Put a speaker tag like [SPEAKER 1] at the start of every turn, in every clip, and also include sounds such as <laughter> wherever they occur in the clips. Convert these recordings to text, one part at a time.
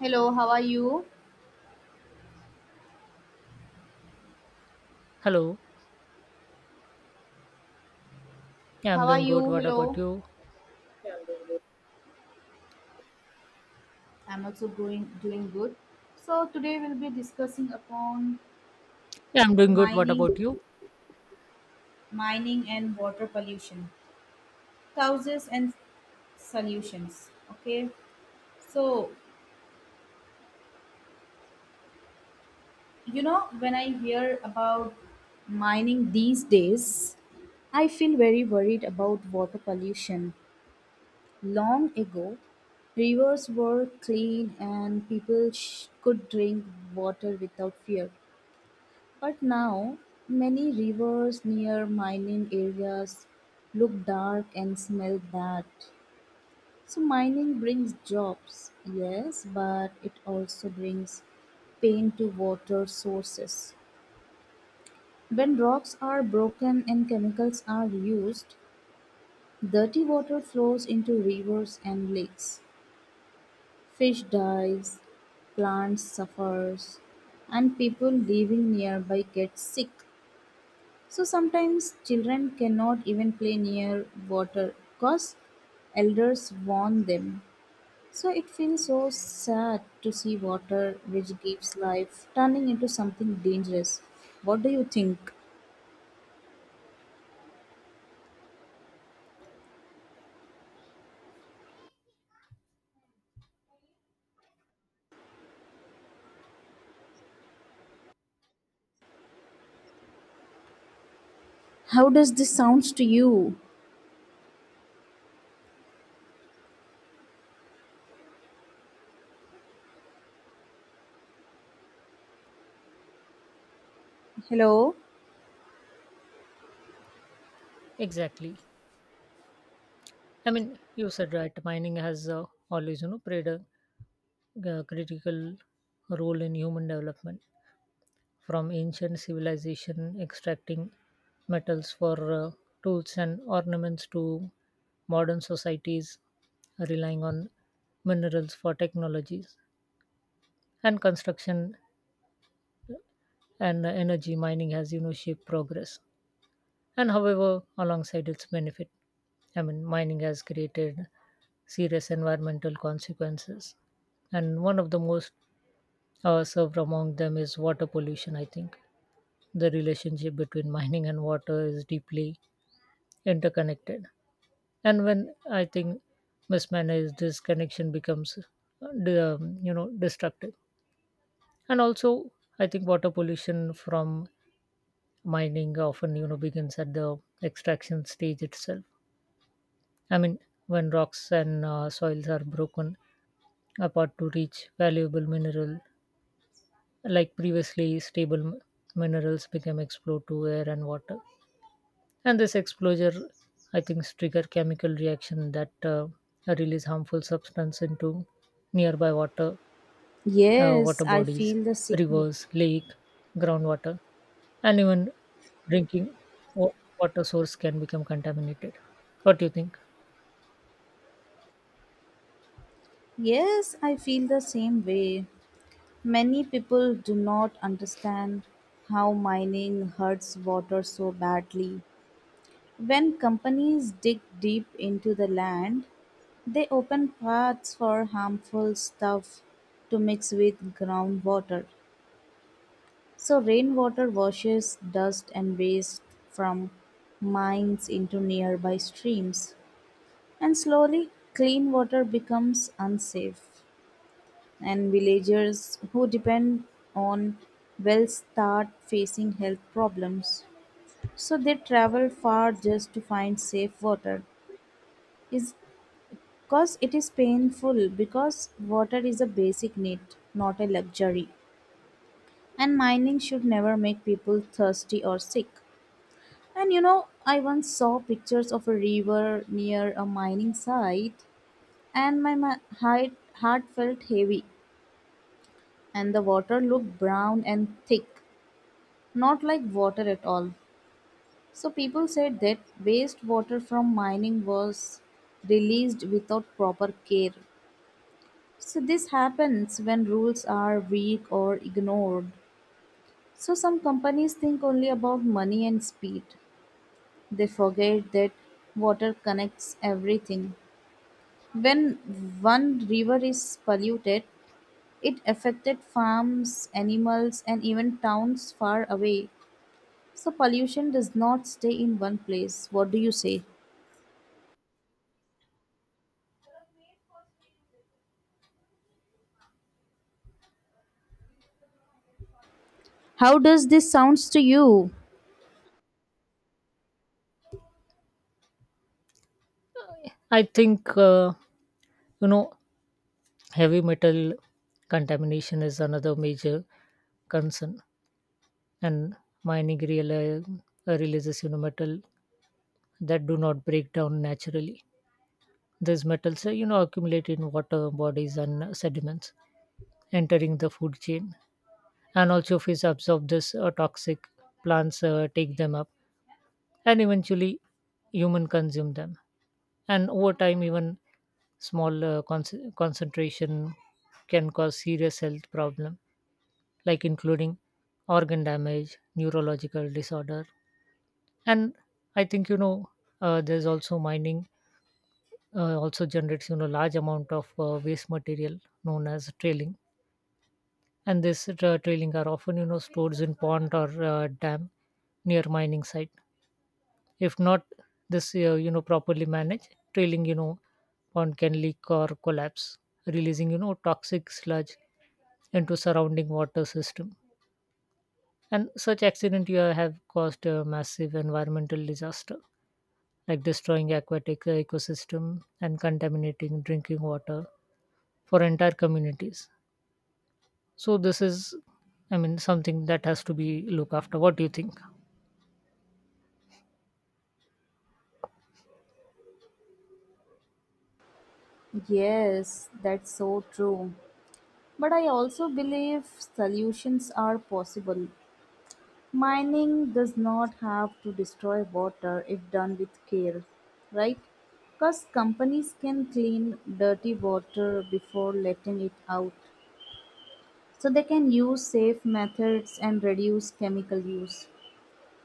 [SPEAKER 1] Hello, how are you?
[SPEAKER 2] Hello. Yeah, I'm
[SPEAKER 1] How are
[SPEAKER 2] doing good.
[SPEAKER 1] you?
[SPEAKER 2] What
[SPEAKER 1] Hello.
[SPEAKER 2] about you?
[SPEAKER 1] I'm also doing good. So today we'll be discussing upon
[SPEAKER 2] Yeah, I'm doing good. What
[SPEAKER 1] mining,
[SPEAKER 2] about you?
[SPEAKER 1] mining and water pollution, causes and solutions. Okay. So you know when I hear about mining these days, I feel very worried about water pollution. Long ago, rivers were clean and people could drink water without fear. But now, many rivers near mining areas look dark and smell bad. So, mining brings jobs, yes, but it also brings pain to water sources. When rocks are broken and chemicals are used, dirty water flows into rivers and lakes. Fish dies, plants suffers, and people living nearby get sick. So sometimes children cannot even play near water because elders warn them. So it feels so sad to see water, which gives life, turning into something dangerous. What do you think? How does this sounds to you? Hello?
[SPEAKER 2] Exactly. I mean, you said right. Mining has always, you know, played a critical role in human development. From ancient civilization extracting metals for tools and ornaments to modern societies relying on minerals for technologies and construction and energy, mining has, you know, shaped progress. And however, alongside its benefit, I mean, mining has created serious environmental consequences, and one of the most served among them is water pollution, I think. The relationship between mining and water is deeply interconnected, and when, I think, mismanaged, this connection becomes you know, destructive. And also, I think water pollution from mining often, you know, begins at the extraction stage itself. I mean, when rocks and soils are broken apart to reach valuable mineral, like previously stable minerals become explode to air and water. And this exposure, I think, trigger chemical reaction that release harmful substance into nearby water,
[SPEAKER 1] Yes,
[SPEAKER 2] water
[SPEAKER 1] I
[SPEAKER 2] bodies,
[SPEAKER 1] feel the same.
[SPEAKER 2] rivers, lake, groundwater, and even drinking wa- water source can become contaminated. What do you think?
[SPEAKER 1] Yes, I feel the same way. Many people do not understand how mining hurts water so badly. When companies dig deep into the land, they open paths for harmful stuff to mix with groundwater. So, rainwater washes dust and waste from mines into nearby streams, and slowly, clean water becomes unsafe. And villagers who depend on wells start facing health problems. So, they travel far just to find safe water. Is Cause it is painful because water is a basic need, not a luxury. And mining should never make people thirsty or sick. And you know, I once saw pictures of a river near a mining site, and my heart, heart felt heavy, and the water looked brown and thick, not like water at all. So people said that wastewater from mining was released without proper care. So this happens when rules are weak or ignored. So some companies think only about money and speed. They forget that water connects everything. When one river is polluted, it affected farms, animals and even towns far away. So pollution does not stay in one place. What do you say? How does this sounds to you?
[SPEAKER 2] I think you know, heavy metal contamination is another major concern, and mining real releases, you know, metal that do not break down naturally. These metals, you know, accumulate in water bodies and sediments, entering the food chain, and also fish absorb this toxic. Plants take them up, and eventually human consume them. And over time, even small concentration can cause serious health problem, like including organ damage, neurological disorder. And I think, you know, there's also mining also generates, you know, large amount of waste material known as trailing. And this trailing are often, you know, stored in pond or dam near mining site. If not, this you know, properly managed trailing, you know, pond can leak or collapse, releasing, you know, toxic sludge into surrounding water system. And such accident you have caused a massive environmental disaster, like destroying aquatic ecosystem and contaminating drinking water for entire communities. So this is, I mean, something that has to be looked after. What do you think?
[SPEAKER 1] Yes, that's so true. But I also believe solutions are possible. Mining does not have to destroy water if done with care, right? Because companies can clean dirty water before letting it out. So they can use safe methods and reduce chemical use.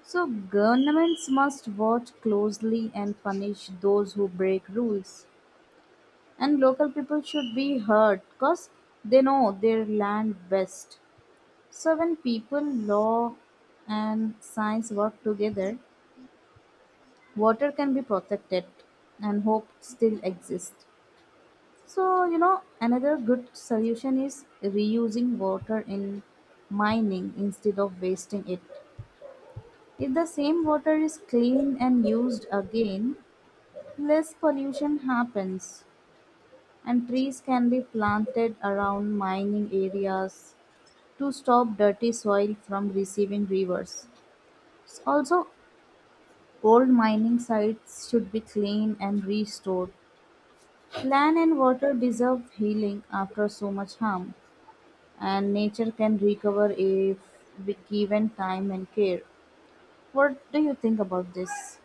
[SPEAKER 1] So governments must watch closely and punish those who break rules. And local people should be heard because they know their land best. So, when people, law, and science work together, water can be protected and hope still exists. So, you know, another good solution is reusing water in mining instead of wasting it. If the same water is clean and used again, less pollution happens, and trees can be planted around mining areas to stop dirty soil from receiving rivers. Also, old mining sites should be cleaned and restored. Land and water deserve healing after so much harm, and nature can recover if we given time and care. What do you think about this?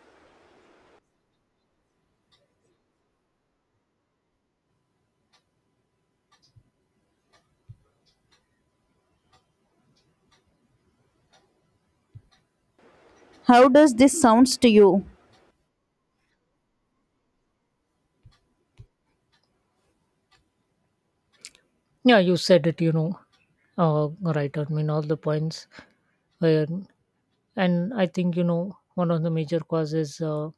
[SPEAKER 1] How does this sounds to you?
[SPEAKER 2] Yeah, you said it, you know, right. I mean, all the points. Where, and I think, you know, one of the major causes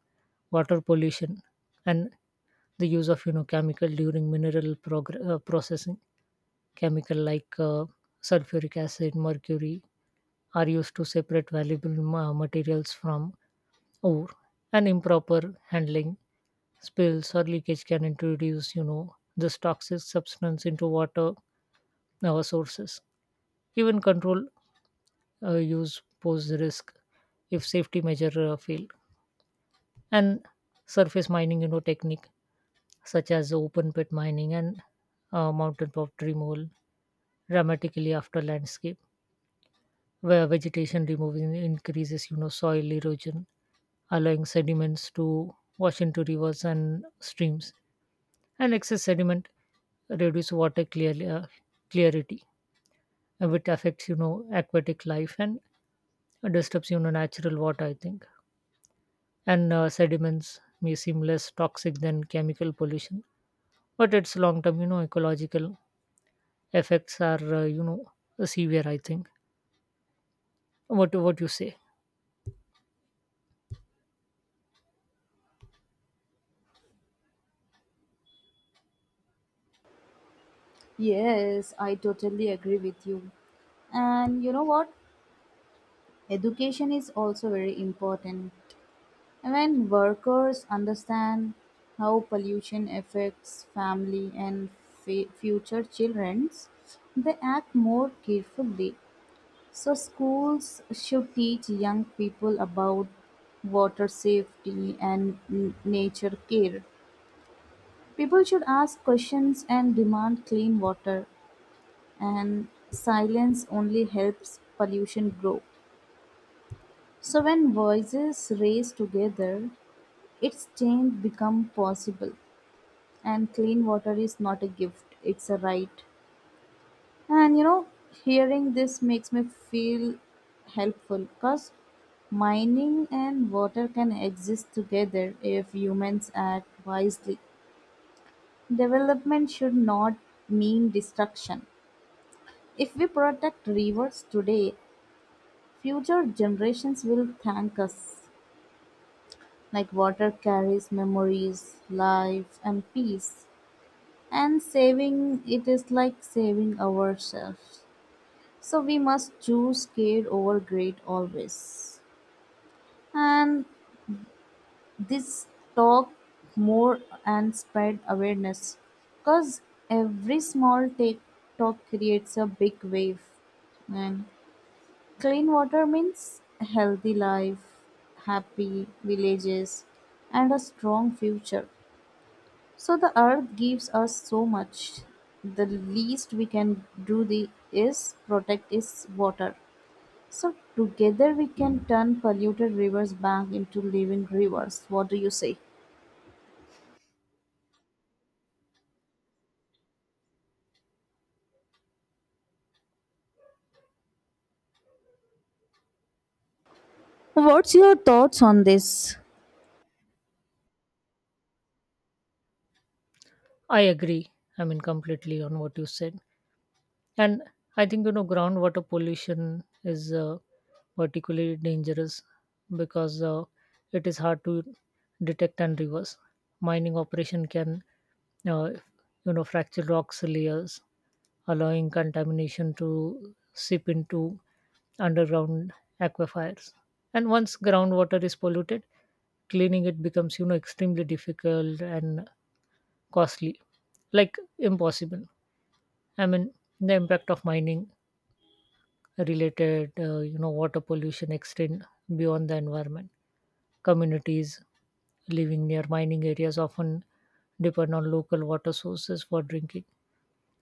[SPEAKER 2] water pollution and the use of, you know, chemical during mineral processing. Chemical like sulfuric acid, mercury are used to separate valuable materials from ore, and improper handling, spills or leakage can introduce, you know, this toxic substance into water sources. Even control use pose risk if safety measure fail. And surface mining, you know, technique such as open pit mining and mountaintop removal dramatically after landscape, where vegetation removal increases, you know, soil erosion, allowing sediments to wash into rivers and streams, and excess sediment reduce water clarity, which affects, you know, aquatic life and disturbs, you know, natural water, I think. And sediments may seem less toxic than chemical pollution, but its long term, you know, ecological effects are, you know, severe, I think. What you say?
[SPEAKER 1] Yes, I totally agree with you. And you know what? Education is also very important. When workers understand how pollution affects family and future children, they act more carefully. So, schools should teach young people about water safety and nature care. People should ask questions and demand clean water, and silence only helps pollution grow. So, when voices raise together, its change become possible. And clean water is not a gift, it's a right. And you know, hearing this makes me feel helpful because mining and water can exist together if humans act wisely. Development should not mean destruction. If we protect rivers today, future generations will thank us, like water carries memories, life and peace, and saving it is like saving ourselves. So we must choose care over greed always. And this talk more and spread awareness because every small take talk creates a big wave. And clean water means healthy life, happy villages, and a strong future. So the earth gives us so much. The least we can do the is protect its water. So together we can turn polluted rivers back into living rivers. What do you say? What's your thoughts on this?
[SPEAKER 2] I agree, I mean, completely on what you said. And I think, you know, groundwater pollution is particularly dangerous because it is hard to detect and reverse. Mining operation can, uh, you know, fracture rocks layers, allowing contamination to seep into underground aquifers. And once groundwater is polluted, cleaning it becomes, you know, extremely difficult and costly, like impossible. I mean, the impact of mining related, you know, water pollution extend beyond the environment. Communities living near mining areas often depend on local water sources for drinking,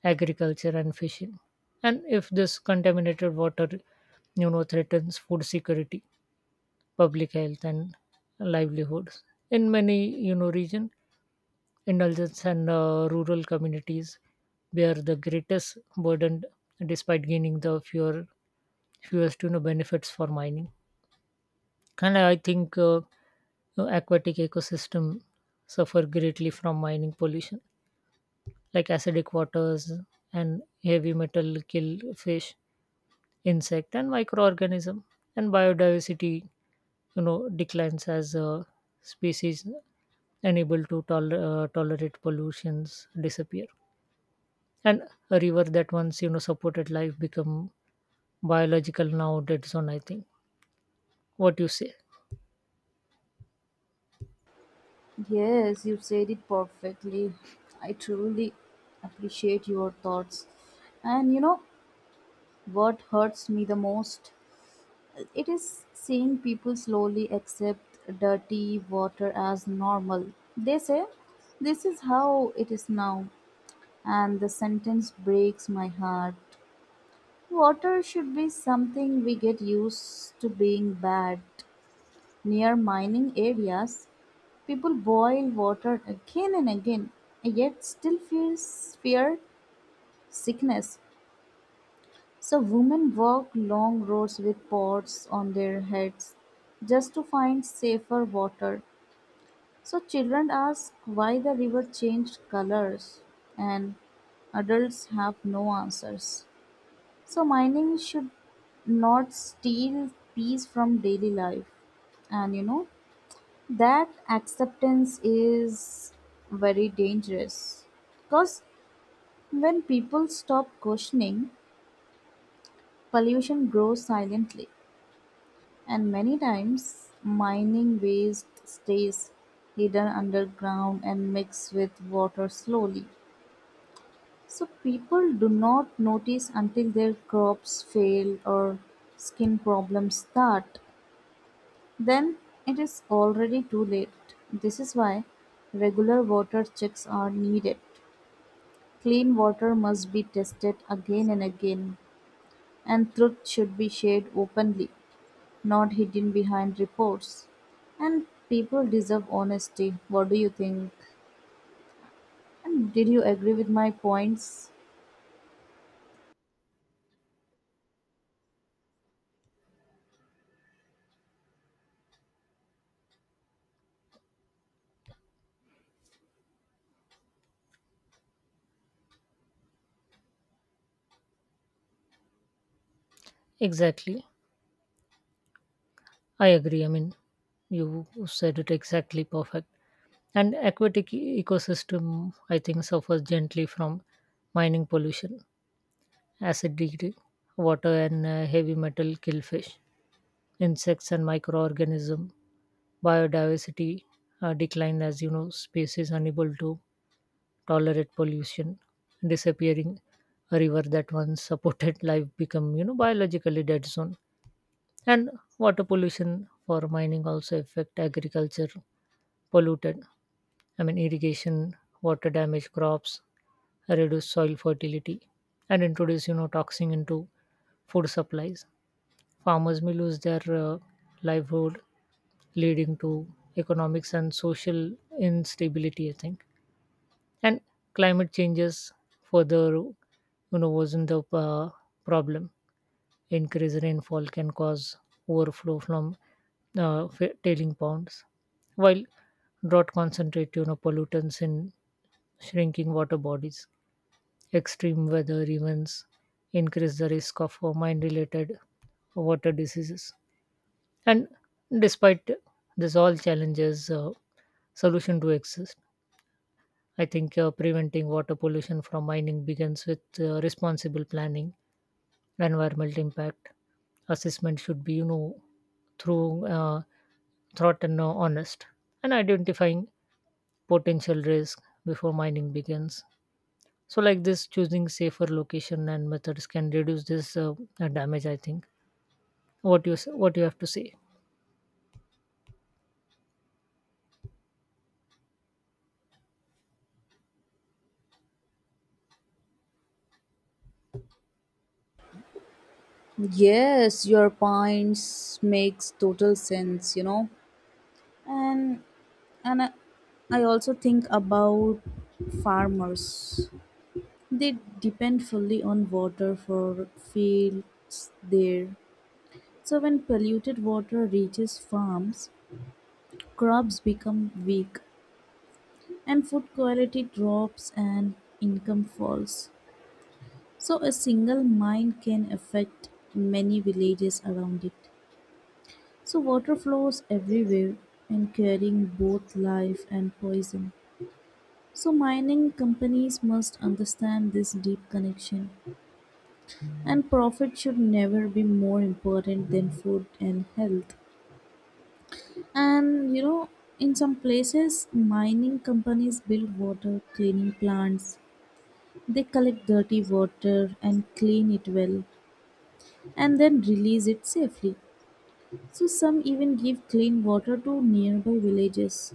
[SPEAKER 2] agriculture and fishing, and if this contaminated water, you know, threatens food security, public health and livelihoods. In many, you know, region, indulgence and rural communities bear the greatest burden, despite gaining the fewer fewest, you know, benefits for mining. And I think, you know, aquatic ecosystem suffer greatly from mining pollution, like acidic waters and heavy metal kill fish, insect and microorganism. And biodiversity, you know, declines as species unable to tolerate pollutions disappear, and a river that once, you know, supported life become biological now dead zone, I think. What you say?
[SPEAKER 1] Yes, you said it perfectly. I truly appreciate your thoughts. And you know what hurts me the most? It is seeing people slowly accept dirty water as normal. They say, this is how it is now. And the sentence breaks my heart. Water should be something we get used to being bad. Near mining areas, people boil water again and again, yet still fear sickness. So women walk long roads with pots on their heads just to find safer water. So children ask why the river changed colors and adults have no answers. So mining should not steal peace from daily life. And you know, that acceptance is very dangerous. Because when people stop questioning, pollution grows silently. And many times, mining waste stays hidden underground and mixed with water slowly. So people do not notice until their crops fail or skin problems start. Then it is already too late. This is why regular water checks are needed. Clean water must be tested again and again, and truth should be shared openly, not hidden behind reports. And people deserve honesty. What do you think? And did you agree with my points?
[SPEAKER 2] Exactly. I agree, I mean, you said it exactly perfect. And aquatic ecosystem, I think, suffers gently from mining pollution. Acidity, water and heavy metal kill fish, insects and microorganism. Biodiversity decline as, you know, species unable to tolerate pollution, disappearing. A river that once supported <laughs> life become, you know, biologically dead zone. And water pollution for mining also affect agriculture. Polluted, I mean, irrigation, water damage crops, reduce soil fertility, and introduce, you know, toxin into food supplies. Farmers may lose their livelihood, leading to economics and social instability, I think. And climate changes further, you know, worsen the problem. Increased rainfall can cause overflow from tailing ponds, while drought concentrate, you know, pollutants in shrinking water bodies. Extreme weather events increase the risk of mine related water diseases. And despite this all challenges, solution do exist. I think preventing water pollution from mining begins with responsible planning. Environmental impact assessment should be, you know, through, thought and honest, and identifying potential risk before mining begins. So, like this, choosing safer location and methods can reduce this damage, I think. What you have to say?
[SPEAKER 1] Yes, your points makes total sense, you know. And and I also think about farmers. They depend fully on water for fields there, so when polluted water reaches farms, crops become weak and food quality drops and income falls. So a single mine can affect many villages around it. So water flows everywhere and carrying both life and poison. So mining companies must understand this deep connection, and profit should never be more important than food and health. And you know, in some places mining companies build water cleaning plants. They collect dirty water and clean it well, and then release it safely. So some even give clean water to nearby villages.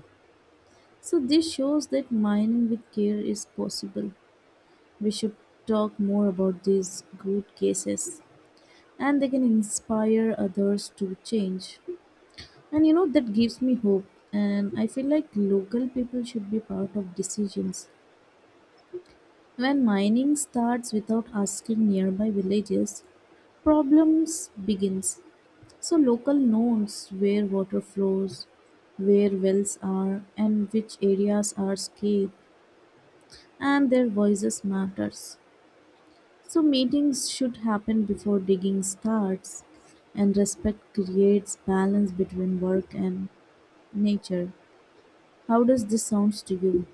[SPEAKER 1] So this shows that mining with care is possible. We should talk more about these good cases, and they can inspire others to change. And you know, that gives me hope. And I feel like local people should be part of decisions. When mining starts without asking nearby villages, problems begins. So local knows where water flows, where wells are, and which areas are scarce, and their voices matters. So meetings should happen before digging starts, and respect creates balance between work and nature. How does this sounds to you?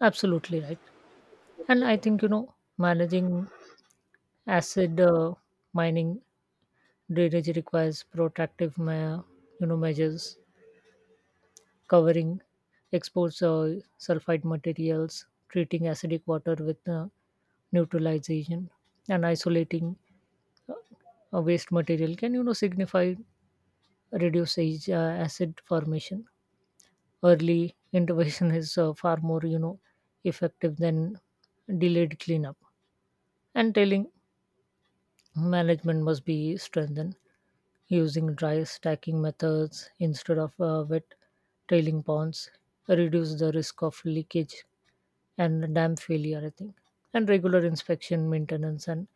[SPEAKER 2] Absolutely right. And I think, you know, managing acid mining drainage requires protective you know, measures. Covering exposed sulfide materials, treating acidic water with neutralization, and isolating uh, waste material can, you know, signify reduce acid formation. Early intervention is far more, you know, effective than delayed cleanup. And telling management must be strengthened. Using dry stacking methods instead of wet tailing ponds, reduce the risk of leakage and dam failure, I think. And regular inspection, maintenance, and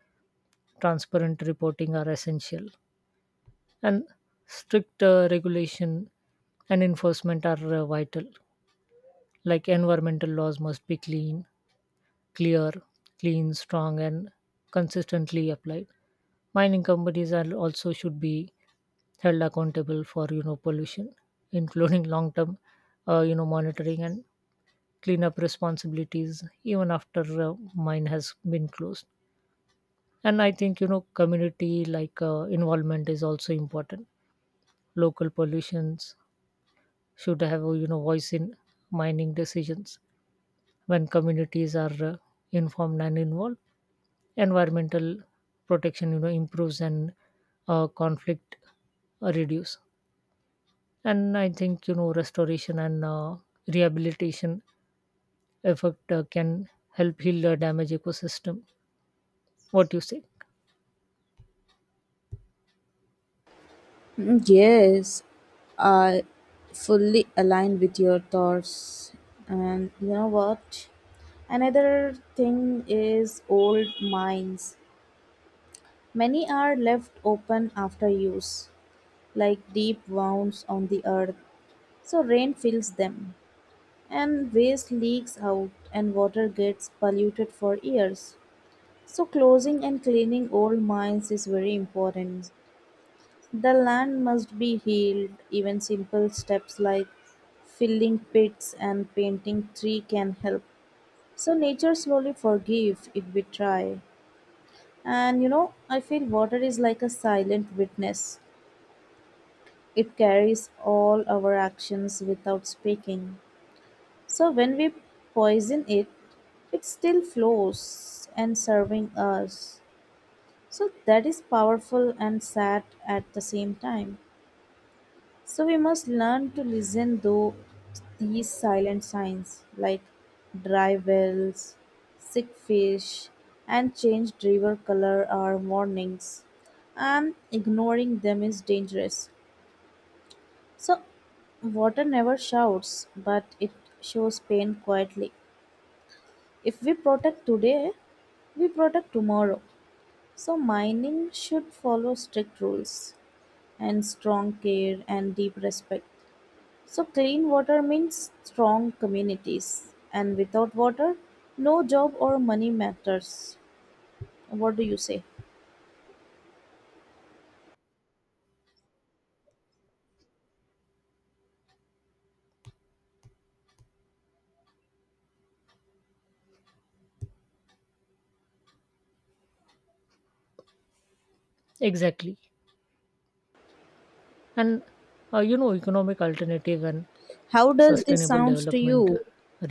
[SPEAKER 2] transparent reporting are essential. And strict regulation and enforcement are vital. Like environmental laws must be clean, clear, strong, and consistently applied. Mining companies are also should be held accountable for, you know, pollution, including long-term, you know, monitoring and cleanup responsibilities even after mine has been closed. And I think, you know, community like involvement is also important. Local pollutions should have a, you know, voice in mining decisions. When communities are informed and involved, environmental protection, you know, improves and conflict reduce. And I think, you know, restoration and rehabilitation effect can help heal the damaged ecosystem. What you say?
[SPEAKER 1] Mm, yes, I fully align with your thoughts. And you know what? Another thing is old mines. Many are left open after use, like deep wounds on the earth. So rain fills them, and waste leaks out, and water gets polluted for years. So closing and cleaning old mines is very important. The land must be healed; even simple steps like filling pits and painting tree can help. So nature slowly forgive if we try. And you know, I feel water is like a silent witness. It carries all our actions without speaking. So when we poison it, it still flows and serving us. So that is powerful and sad at the same time. So we must learn to listen though these silent signs like dry wells, sick fish, and changed river color are warnings. And ignoring them is dangerous. So water never shouts, but it shows pain quietly. If we protect today, we protect tomorrow. So mining should follow strict rules and strong care and deep respect. So, clean water means strong communities, and without water, no job or money matters. What do you say?
[SPEAKER 2] Exactly. And, you know, economic alternative and
[SPEAKER 1] How does this
[SPEAKER 2] sustainable
[SPEAKER 1] sounds to
[SPEAKER 2] development
[SPEAKER 1] you?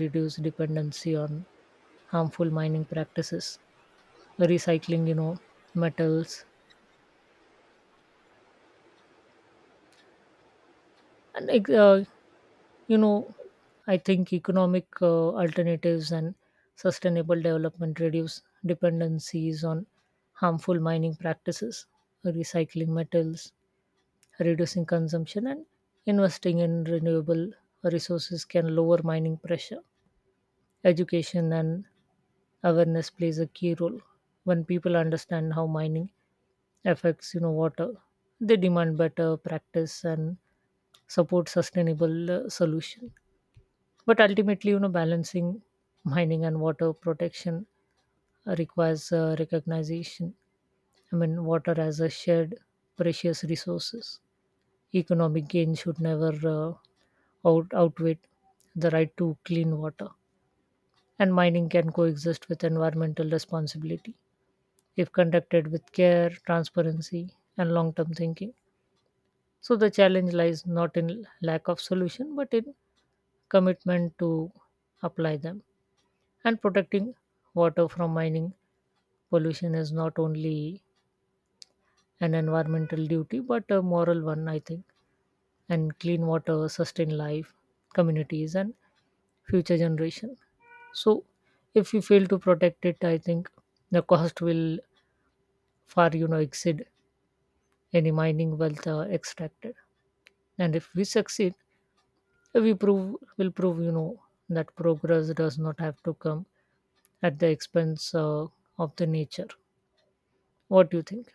[SPEAKER 2] reduce dependency on harmful mining practices, recycling, you know, metals and you know, I think economic alternatives and sustainable development reduce dependencies on harmful mining practices, recycling metals, reducing consumption, and investing in renewable resources can lower mining pressure. Education and awareness plays a key role. When people understand how mining affects, you know, water, they demand better practice and support sustainable solution. But ultimately, you know, balancing mining and water protection requires recognition, I mean, water as a shared precious resources. Economic gain should never, outweigh the right to clean water, and mining can coexist with environmental responsibility if conducted with care, transparency and long term thinking. So the challenge lies not in lack of solution, but in commitment to apply them. And protecting water from mining pollution is not only an environmental duty but a moral one, I think. And clean water sustain life, communities, and future generation. So, if we fail to protect it, I think the cost will far, you know, exceed any mining wealth extracted. And if we succeed, we prove will prove, you know, that progress does not have to come at the expense of the nature. What do you think?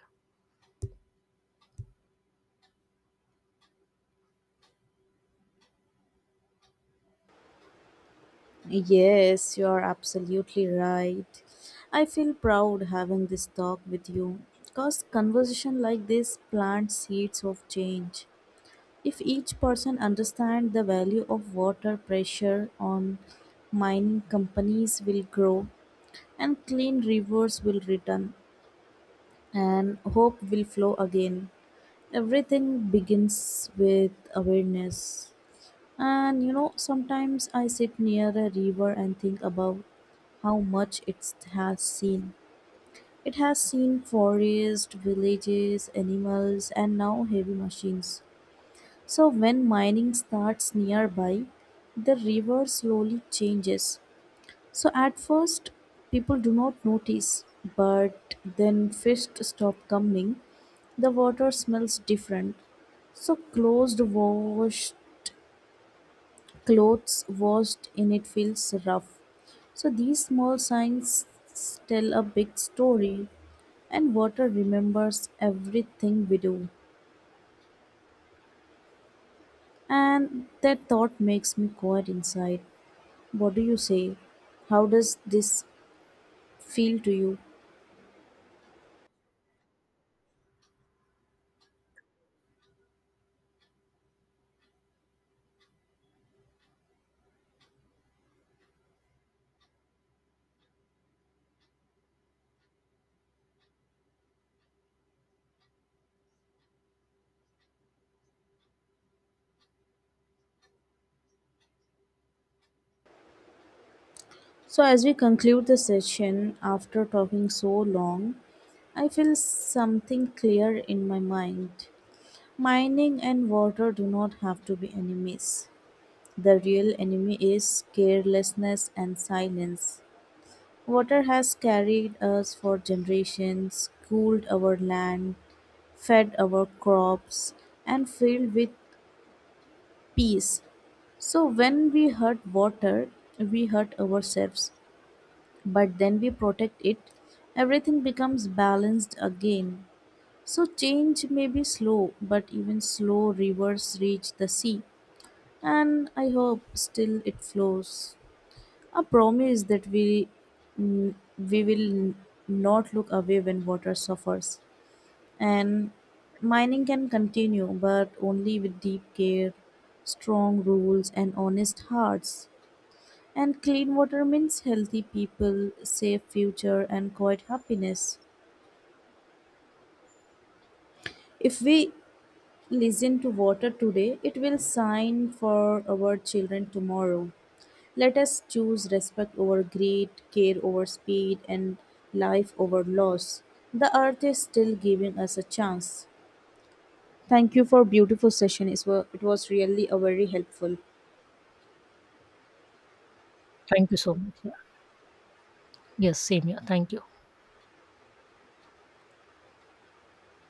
[SPEAKER 1] Yes, you are absolutely right. I feel proud having this talk with you because conversation like this plant seeds of change. If each person understands the value of water, pressure on mining companies will grow, and clean rivers will return, and hope will flow again. Everything begins with awareness. And you know, sometimes I sit near a river and think about how much it has seen. It has seen forests, villages, animals, and now heavy machines. So when mining starts nearby, the river slowly changes. So at first, people do not notice, but then fish stop coming. The water smells different. So closed washed clothes washed in it feels rough. So these small signs tell a big story, and water remembers everything we do. And that thought makes me quiet inside. What do you say? How does this feel to you? So, as we conclude the session after talking so long, I feel something clear in my mind. Mining and water do not have to be enemies. The real enemy is carelessness and silence. Water has carried us for generations, cooled our land, fed our crops, and filled with peace. So, when we hurt water, we hurt ourselves. But then we protect it, everything becomes balanced again. So change may be slow, but even slow rivers reach the sea, and I hope still it flows. A promise that we will not look away when water suffers, and mining can continue, but only with deep care, strong rules, and honest hearts. And clean water means healthy people, safe future, and quiet happiness. If we listen to water today, it will shine for our children tomorrow. Let us choose respect over greed, care over speed, and life over loss. The earth is still giving us a chance. Thank you for beautiful session. It was really a very helpful.
[SPEAKER 2] Thank you so much. Yeah. Yes, same here. Thank you.